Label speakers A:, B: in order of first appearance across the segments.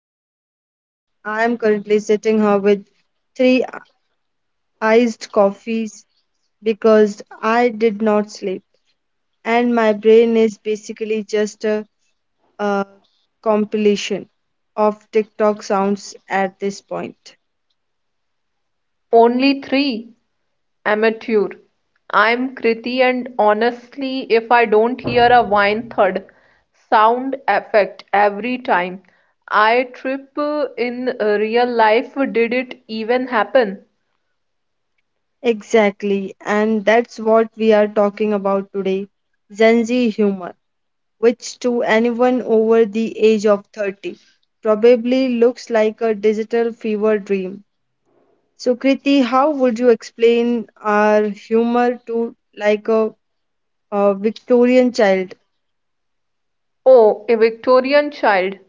A: Nisha, and I'm currently sitting here with three iced coffees because I did not sleep, and my brain is basically just a compilation of TikTok sounds at this point.
B: Only three? Amateur. I'm Kriti and honestly, if I don't hear a whine thud sound effect every time I trip in real life, did it even happen?
A: Exactly, and that's what we are talking about today: Gen Z humor, which to anyone over the age of 30 probably looks like a digital fever dream. So, Kriti, how would you explain our humor to a Victorian child?
B: Oh, a Victorian child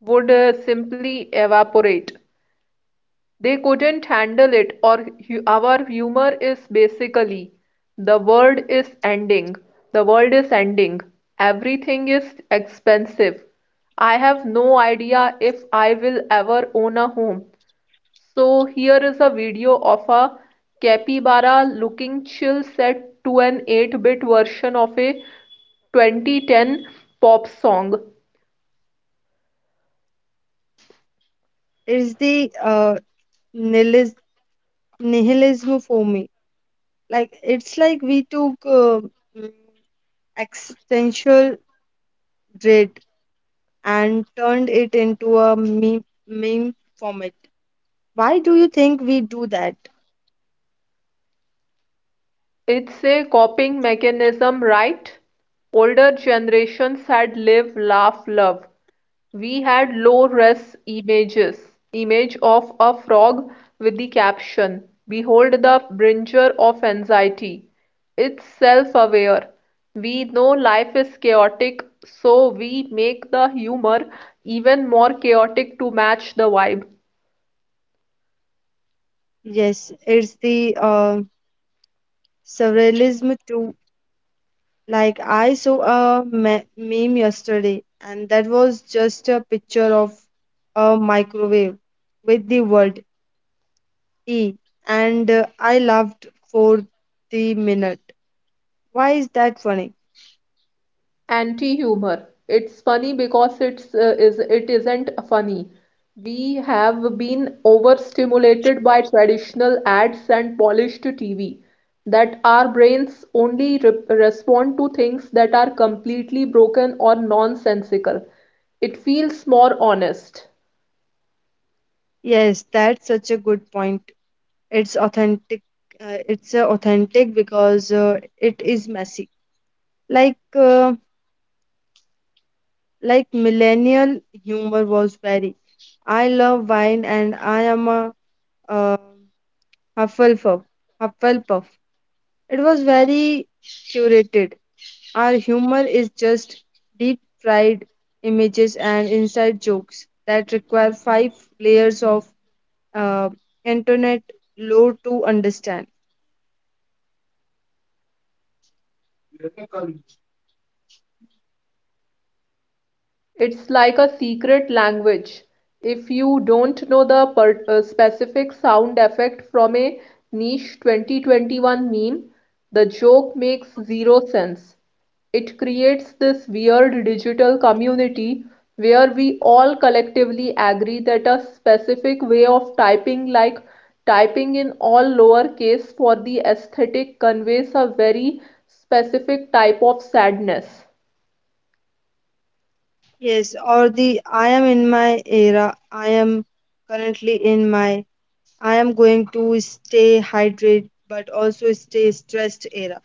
B: would simply evaporate. They couldn't handle it. Our humor is basically, the world is ending, the world is ending, everything is expensive. I have no idea if I will ever own a home. So here is a video of a capybara looking chill set to an 8-bit version of a 2010 pop song.
A: It's the nihilis- nihilism for me. Like it's like we took mm, existential dread and turned it into a meme format. Why do you think we do that?
B: It's a coping mechanism, right? Older generations had live, laugh, love. We had low res images, image of a frog with the caption, "Behold the bringer of anxiety." It's self-aware. We know life is chaotic, so we make the humor even more chaotic to match the vibe.
A: Yes, it's the surrealism too. Like I saw a meme yesterday, and that was just a picture of a microwave with the word "e," and I laughed for the minute. Why is that funny?
B: Anti-humor. It's funny because it isn't funny. We have been overstimulated by traditional ads and polished TV that our brains only re respond to things that are completely broken or nonsensical. It feels more honest.
A: Yes, that's such a good point. It's authentic. It's authentic because it is messy. Like uh, like millennial humor was very. I love wine, and I am a uh, Hufflepuff. Hufflepuff. It was very curated. Our humor is just deep fried images and inside jokes that require five layers of uh, internet lore to understand.
B: It's like a secret language. If you don't know the per specific sound effect from a niche 2021 meme, the joke makes zero sense. It creates this weird digital community where we all collectively agree that a specific way of typing, like typing in all lowercase for the aesthetic, conveys a very specific type of sadness.
A: Yes, or the I am in my era, I am currently in my I am going to stay hydrated but also stay stressed era.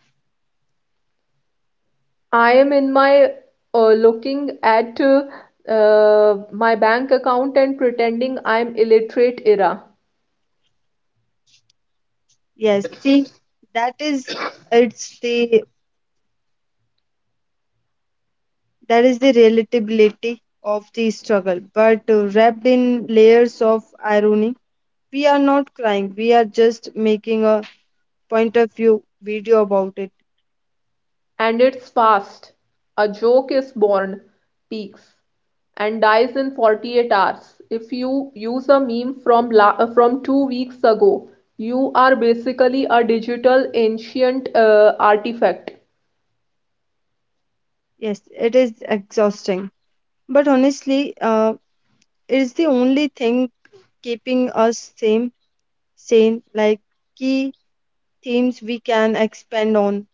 B: I am in my looking at my bank account and pretending I'm illiterate era.
A: Yes, see, that is it's the that is the relatability of the struggle, but wrapped in layers of irony. We are not crying, we are just making a point of view video about it.
B: And it's fast. A joke is born, peaks, and dies in 48 hours. If you use a meme from la from 2 weeks ago, you are basically a digital ancient artifact.
A: Yes, it is exhausting, but honestly, it is the only thing keeping us same sane. Like, key themes we can expand on: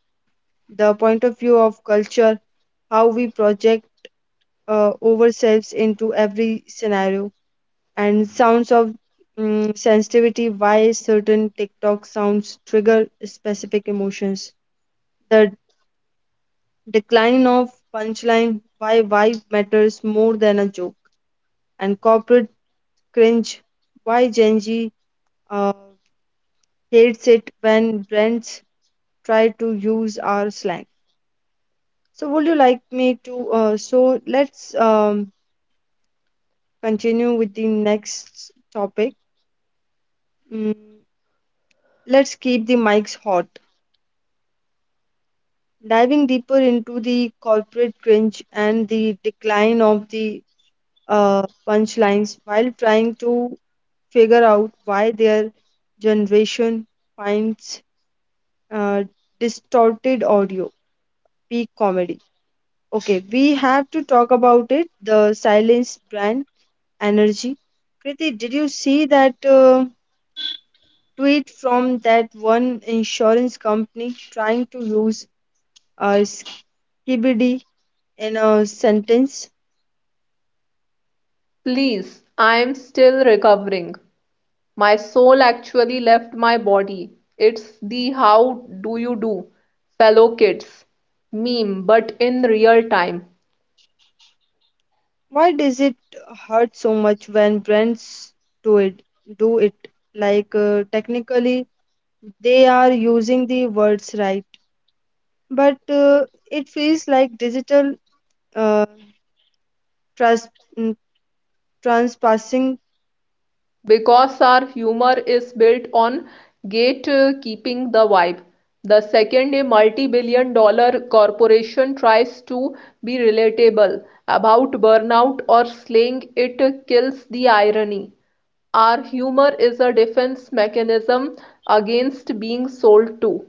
A: the point of view of culture, how we project ourselves into every scenario, and sounds of sensitivity, why certain TikTok sounds trigger specific emotions. The decline of punchline, why vibe matters more than a joke. And corporate cringe, why Gen Z uh, hates it when brands try to use our slang. So would you like me to? So let's continue with the next topic. Mm, let's keep the mics hot. Diving deeper into the corporate cringe and the decline of the punchlines, while trying to figure out why their generation finds uh, distorted audio peak comedy. Okay, we have to talk about it: the silence brand energy. Kriti, did you see that tweet from that one insurance company trying to use uh, skibidi in a sentence?
B: Please, I am still recovering. My soul actually left my body. It's the "how do you do, fellow kids" meme, but in real time.
A: Why does it hurt so much when brands do it? Do it like technically they are using the words right, but it feels like digital uh, trans mm, transpassing.
B: Because our humor is built on gatekeeping the vibe. The second a multi-billion-dollar corporation tries to be relatable about burnout or slaying, it kills the irony. Our humor is a defense mechanism against being sold to.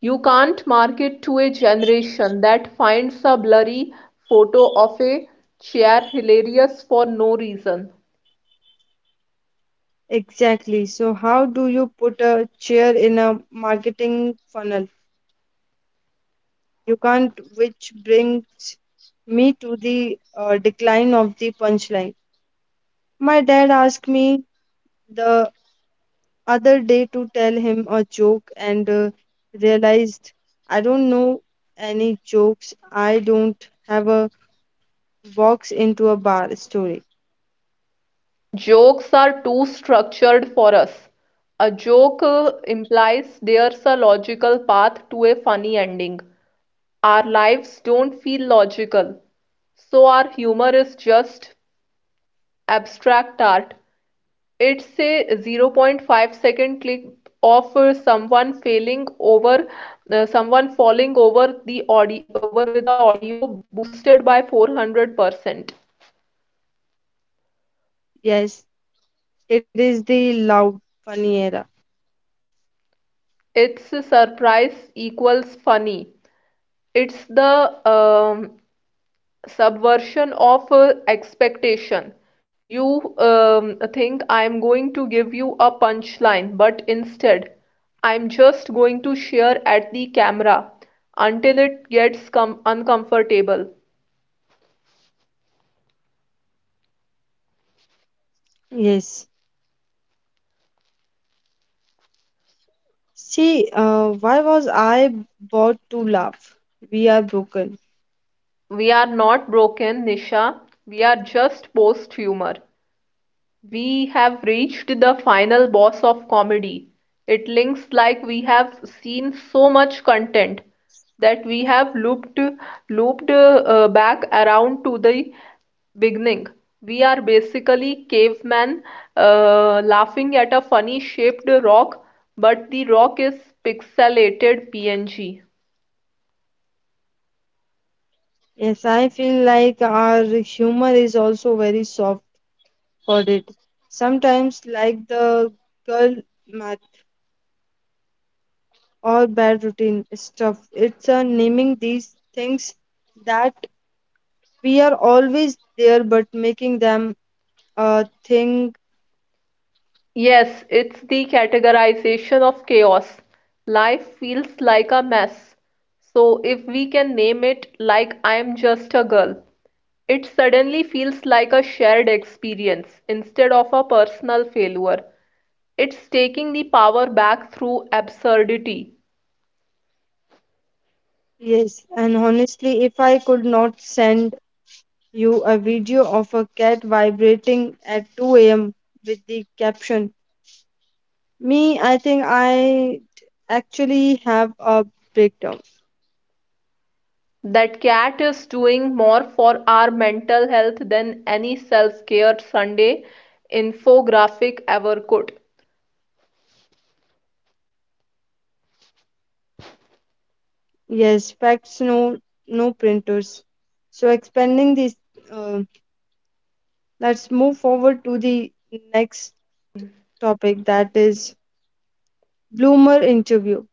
B: You can't market to a generation that finds a blurry photo of a chair hilarious for no reason.
A: Exactly. So how do you put a chair in a marketing funnel? You can't, which brings me to the decline of the punchline. My dad asked me the other day to tell him a joke, and realized I don't know any jokes. I don't have a box into a bar story.
B: Jokes are too structured for us. A joke implies there's a logical path to a funny ending. Our lives don't feel logical, so our humor is just abstract art. It's a 0 0.5-second clip of someone falling over the audio over with the audio boosted by 400%.
A: Yes, it is the loud, funny era.
B: It's surprise equals funny. It's the subversion of expectation. You think I'm going to give you a punchline, but instead, I'm just going to share at the camera until it gets com uncomfortable.
A: Yes. See, why was I bought to laugh? We are broken.
B: We are not broken, Nisha. We are just post humor. We have reached the final boss of comedy. It links like we have seen so much content that we have looped back around to the beginning. We are basically caveman laughing at a funny shaped rock, but the rock is pixelated PNG.
A: Yes, I feel like our humor is also very soft hearted sometimes, like the girl or bad routine stuff. It's naming these things that we are always there, but making them a thing.
B: Yes, it's the categorization of chaos. Life feels like a mess. So if we can name it, like "I'm just a girl," it suddenly feels like a shared experience instead of a personal failure. It's taking the power back through absurdity.
A: Yes, and honestly, if I could not send you a video of a cat vibrating at 2 a.m. with the caption, me, I think I actually have a breakdown.
B: That cat is doing more for our mental health than any self-care Sunday infographic ever could.
A: Yes, facts, no, no printers. So expanding this, uh, let's move forward to the next topic, that is bloomer interview.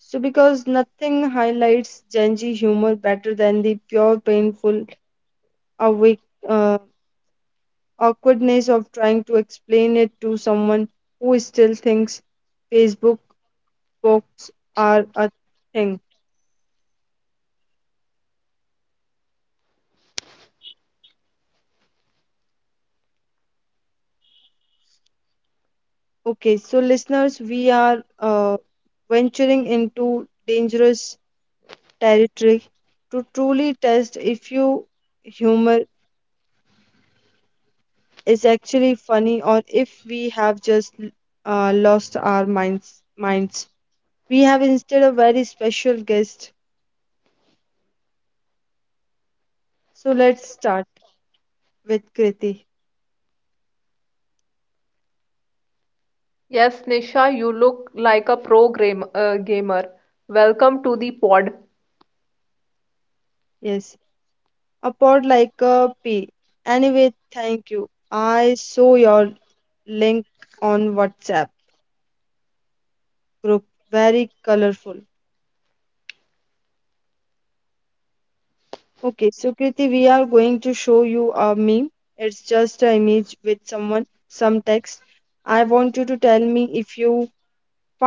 A: So, because nothing highlights Gen Z humor better than the pure, painful, awake, uh, awkwardness of trying to explain it to someone who still thinks Facebook posts are a thing. Okay, so listeners, we are venturing into dangerous territory to truly test if you humor is actually funny, or if we have just lost our minds. We have instead a very special guest. So let's start with Kriti.
B: Yes, Nisha, you look like a gamer. Welcome to the pod.
A: Yes, a pod, like a pea. Anyway, thank you. I saw your link on WhatsApp group, very colorful. Okay, so Kriti, we are going to show you a meme. It's just an image with someone, some text. I want you to tell me if you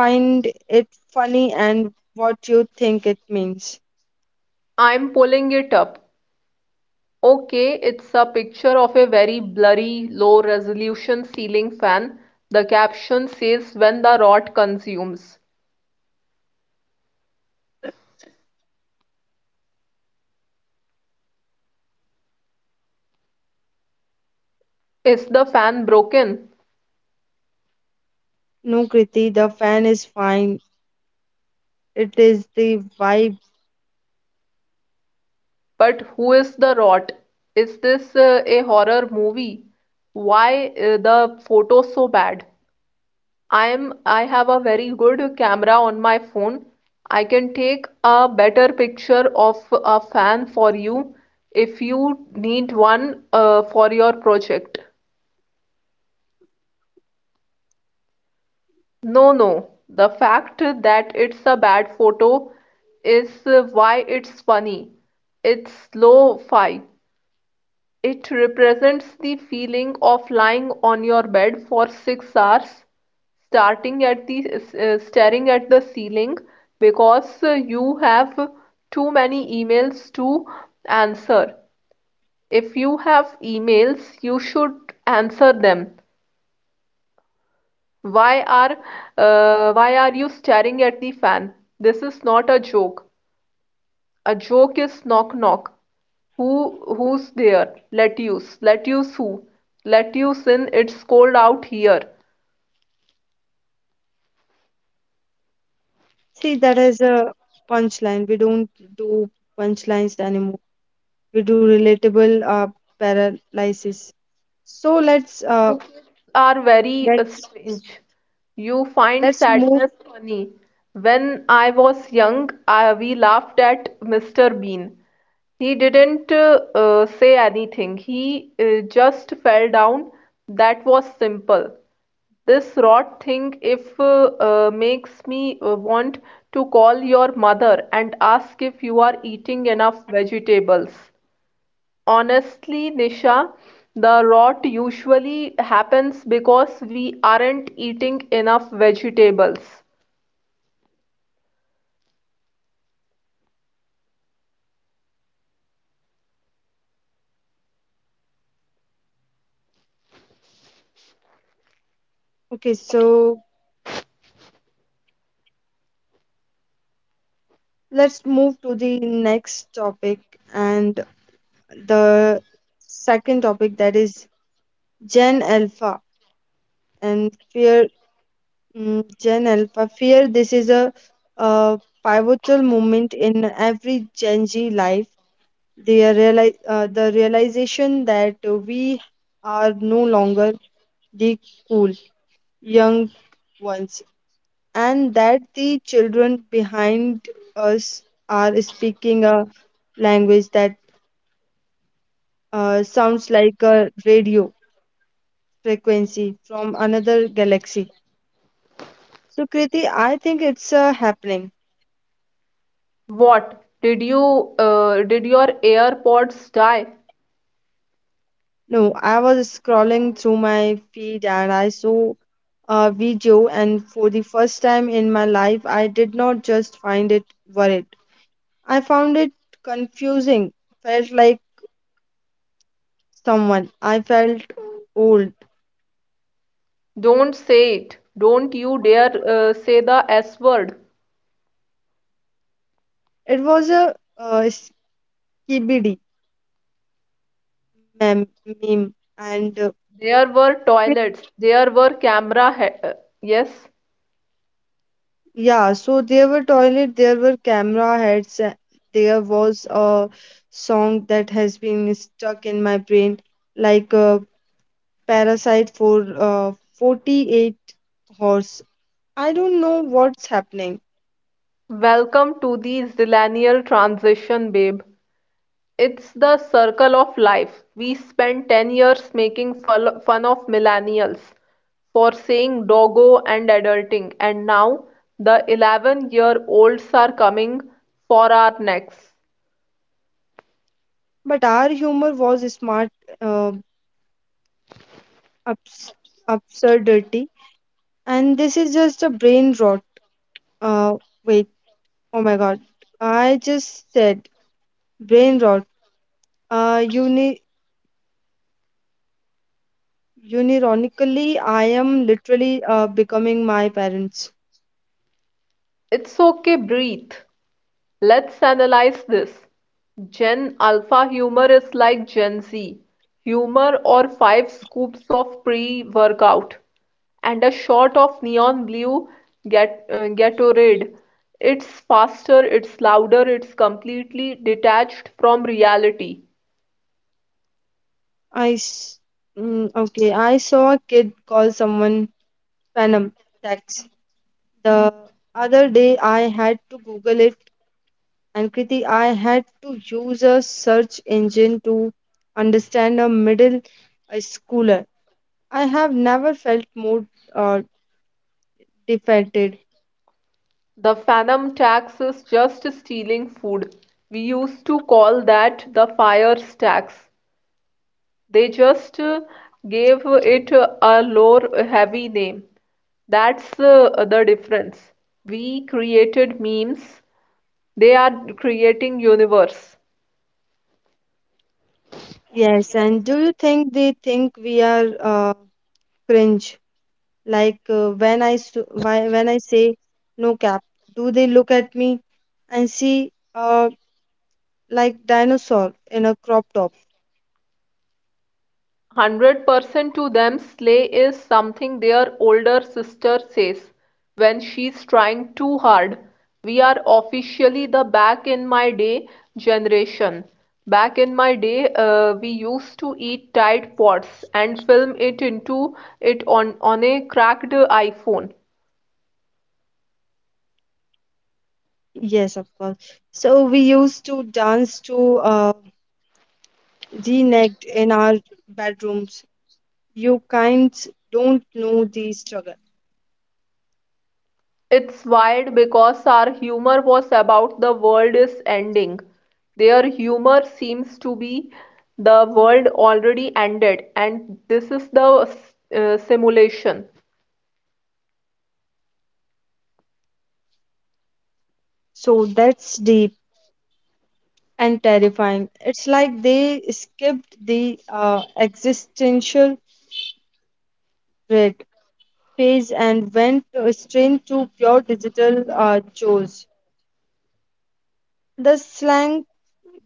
A: find it funny and what you think it means.
B: I'm pulling it up. Okay, it's a picture of a very blurry, low resolution ceiling fan. The caption says, "when the rot consumes." Is the fan broken?
A: No, Kriti, the fan is fine. It is the vibe.
B: But who is the rot? Is this a horror movie? Why the photo so bad? I have a very good camera on my phone. I can take a better picture of a fan for you if you need one for your project. No, no. The fact that it's a bad photo is why it's funny. It's lo-fi. It represents the feeling of lying on your bed for 6 hours, starting at the staring at the ceiling because you have too many emails to answer. If you have emails, you should answer them. Why are why are you staring at the fan? This is not a joke. A joke is knock knock. Who Who's there? Lettuce. Lettuce who? Lettuce in. It's cold out here.
A: See, that is a punchline. We don't do punchlines anymore. We do relatable paralysis. So let's uh,
B: Are very
A: let's
B: strange. You find
A: let's move.
B: sadness funny. When I was young, we laughed at Mr. Bean. He didn't say anything. He just fell down. That was simple. This rot thing if makes me want to call your mother and ask if you are eating enough vegetables. Honestly, Nisha, the rot usually happens because we aren't eating enough vegetables.
A: Okay, so let's move to the next topic, and the second topic that is Gen Alpha and fear. Mm, Gen Alpha fear, this is a, uh pivotal moment in every Gen Z life. They are the realization that we are no longer the cool young ones, and that the children behind us are speaking a language that sounds like a radio frequency from another galaxy. So, Kriti, I think it's happening.
B: What? Did your AirPods die?
A: No, I was scrolling through my feed and I saw a video, and for the first time in my life, I did not just find it worried. I found it confusing. Felt like someone. I felt old.
B: Don't say it. Don't you dare say the S word.
A: It was a skibidi meme, and
B: There were
A: it-
B: toilets. There were camera. Yes.
A: yeah, so there were toilet, there were camera heads, there was a song that has been stuck in my brain like a Parasite for 48 horse. I don't know what's happening,
B: Welcome to the Zillennial Transition, babe. It's the circle of life. We spent 10 years making fun of millennials for saying doggo and adulting, and now the 11-year-olds are coming for our necks.
A: but our humor was smart uh, abs- absurdity, and this is just a brain rot. Uh, wait, oh my god, I just said brain rot. Uh, uni- unironically, I am literally becoming my parents.
B: It's okay, breathe. Let's analyze this. Gen Alpha humor is like Gen Z humor or five scoops of pre-workout and a shot of neon blue Gatorade. It's faster, it's louder, it's completely detached from reality.
A: I s- okay, I saw a kid call someone Phantom Tax the other day. I had to Google it, and Kriti, I had to use a search engine to understand a middle schooler. I have never felt more uh, defeated.
B: The phantom tax is just stealing food. We used to call that the fire tax. They just gave it a lore-heavy name. That's the difference. We created memes. They are creating universe.
A: Yes, and do you think they think we are cringe? Like when when I say no cap, do they look at me and see like dinosaur in a crop top?
B: 100% to them, slay is something their older sister says when she's trying too hard. We are officially the "back in my day" generation. Back in my day, we used to eat Tide Pods and film it on a cracked iPhone.
A: Yes, of course. So we used to dance to G-necked in our bedrooms. You kind don't know the struggle.
B: It's wild because our humor was about the world is ending. Their humor seems to be the world already ended, and this is the simulation.
A: So that's deep and terrifying. It's like they skipped the existential dread phase and went straight to pure digital chores. The slang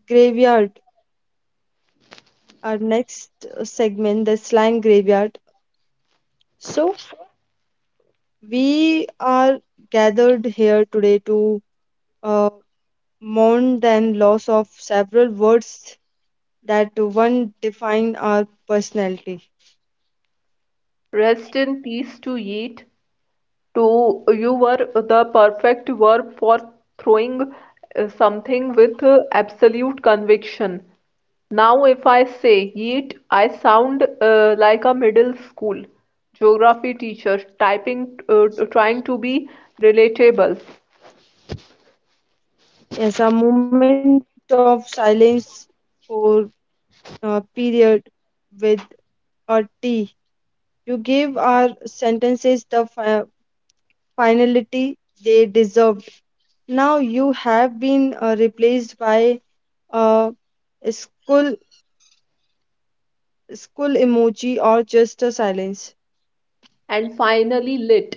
A: graveyard, our next segment, the slang graveyard. So we are gathered here today to uh, mourn the loss of several words that one define our personality.
B: Rest in peace to Yeet. To you were the perfect verb for throwing something with absolute conviction. Now if I say yeet, I sound like a middle school geography teacher typing trying to be relatable.
A: Yes, a moment of silence for a period with a T. You gave our sentences the finality they deserved. Now you have been replaced by a school school emoji or just a silence.
B: And finally lit.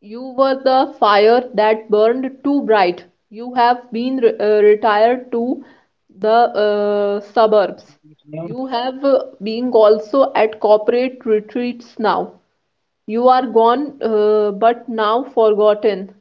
B: You were the fire that burned too bright. You have been retired to the suburbs. You have been also at corporate retreats now. You are gone, but now forgotten.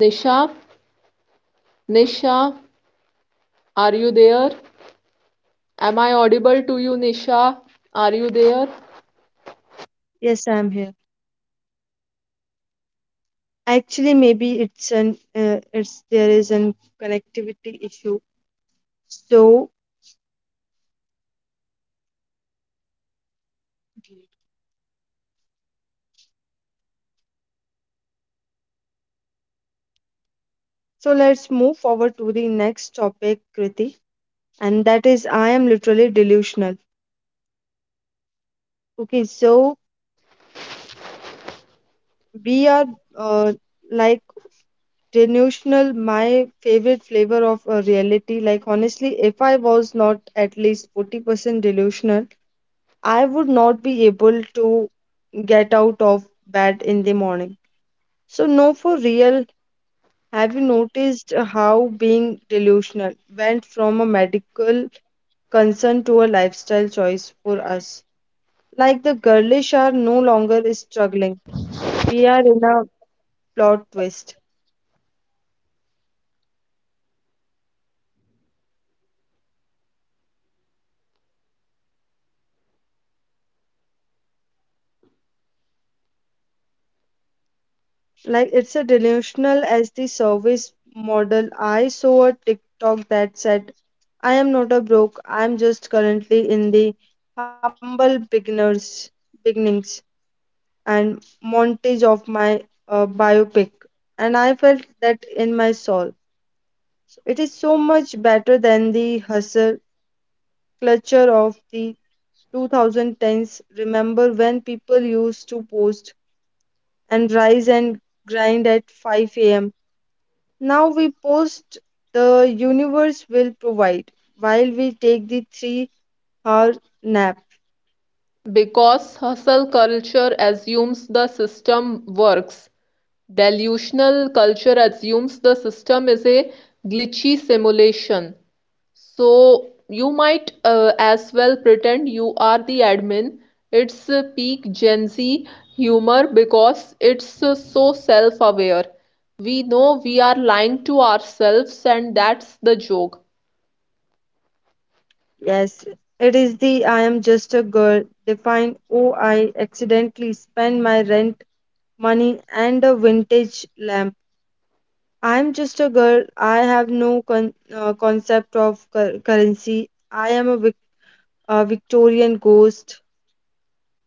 B: Nisha, Nisha, are you there? Am I audible to you, Nisha? Are you there?
A: Yes, I'm here. Actually, maybe it's an it's there is an connectivity issue. So so let's move forward to the next topic, Kriti, and that is I am literally delusional. Okay, so we are uh, like delusional. My favorite flavor of reality. Like honestly, if I was not at least 40% delusional, I would not be able to get out of bed in the morning. So no, for real, have you noticed how being delusional went from a medical concern to a lifestyle choice for us? Like the girlish are no longer struggling. We are in a plot twist. Like it's a delusional as the service model. I saw a TikTok that said, I am not a broke, I'm just currently in the humble beginners beginnings. And montage of my biopic, and I felt that in my soul. So it is so much better than the hustle culture of the 2010s. Remember when people used to post and rise and grind at 5 a.m.? Now we post the universe will provide while we take the 3 hour nap.
B: Because hustle culture assumes the system works. Delusional culture assumes the system is a glitchy simulation. So you might as well pretend you are the admin. It's peak Gen Z humor because it's so self-aware. We know we are lying to ourselves, and that's the joke.
A: Yes, it is the I am just a girl defined. Oh, I accidentally spent my rent money, and a vintage lamp. I'm just a girl. I have no concept of currency. I am a, a Victorian ghost.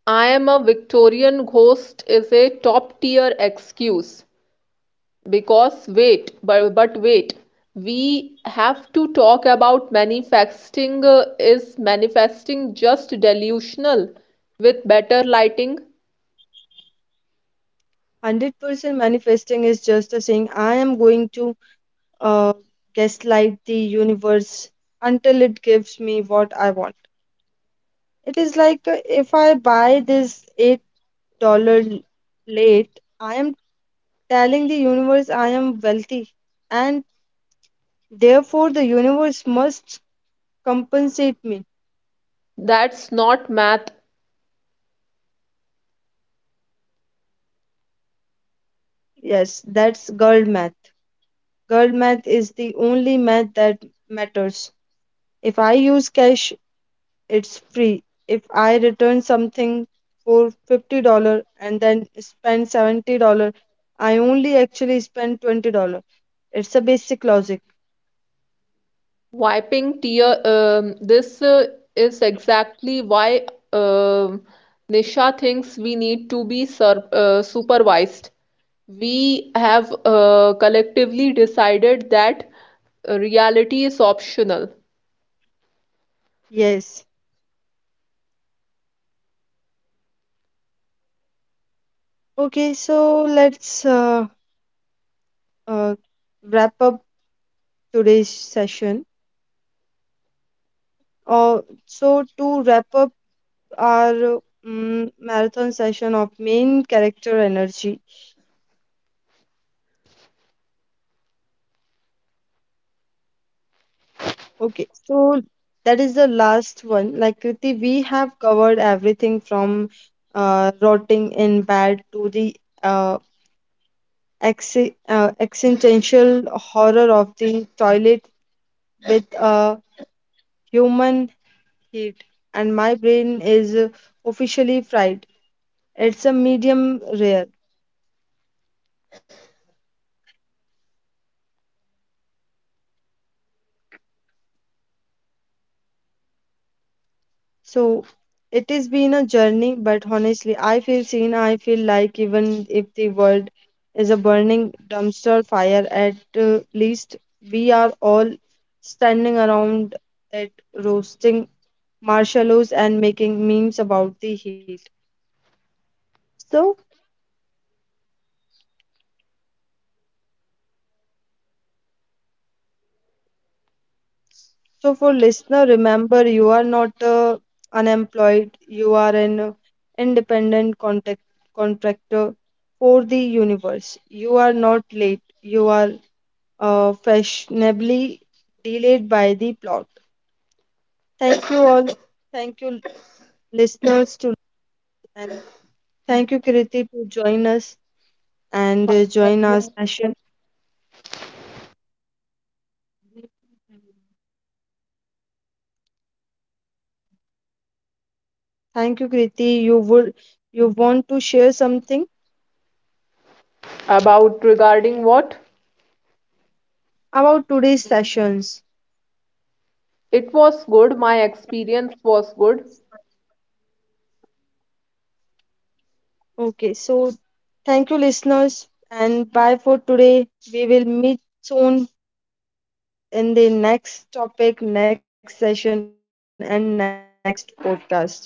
B: "I am a Victorian ghost" is a top tier excuse because wait, but wait, we have to talk about manifesting. Is manifesting just delusional with better lighting?
A: 100% manifesting is just a saying, I am going to uh, gaslight the universe until it gives me what I want. It is like if I buy this $8 late, I am telling the universe I am wealthy, and therefore the universe must compensate me.
B: That's not math.
A: Yes, that's girl math. Girl math is the only math that matters. If I use cash, it's free. If I return something for $50 and then spend $70, I only actually spend $20. It's a basic logic.
B: Wiping tear. This is exactly why um Nisha thinks we need to be sur supervised. We have collectively decided that reality is optional.
A: Yes. Okay, so let's uh, wrap up today's session. Uh, so, to wrap up, our marathon session of Main Character Energy. Okay, so that is the last one. Like Kriti, we have covered everything from rotting in bed to the uh, existential horror of the toilet with human heat, and my brain is officially fried. It's a medium rare. So it has been a journey, but honestly, I feel seen. I feel like even if the world is a burning dumpster fire, at least we are all standing around it, roasting marshmallows and making memes about the heat. So, so, for listener, remember you are not unemployed. You are an independent contact contractor for the universe. You are not late. You are fashionably delayed by the plot. Thank you all. Thank you, listeners, to, and thank you, Kriti, to join us and
B: My
A: join our
B: pleasure.
A: session. Thank you, Kriti. You would you want to share something
B: About regarding what?
A: about today's sessions?
B: It was good. My experience was good.
A: Okay, so thank you, listeners, and bye for today. We will meet soon in the next topic, next session, and next podcast. Thanks all.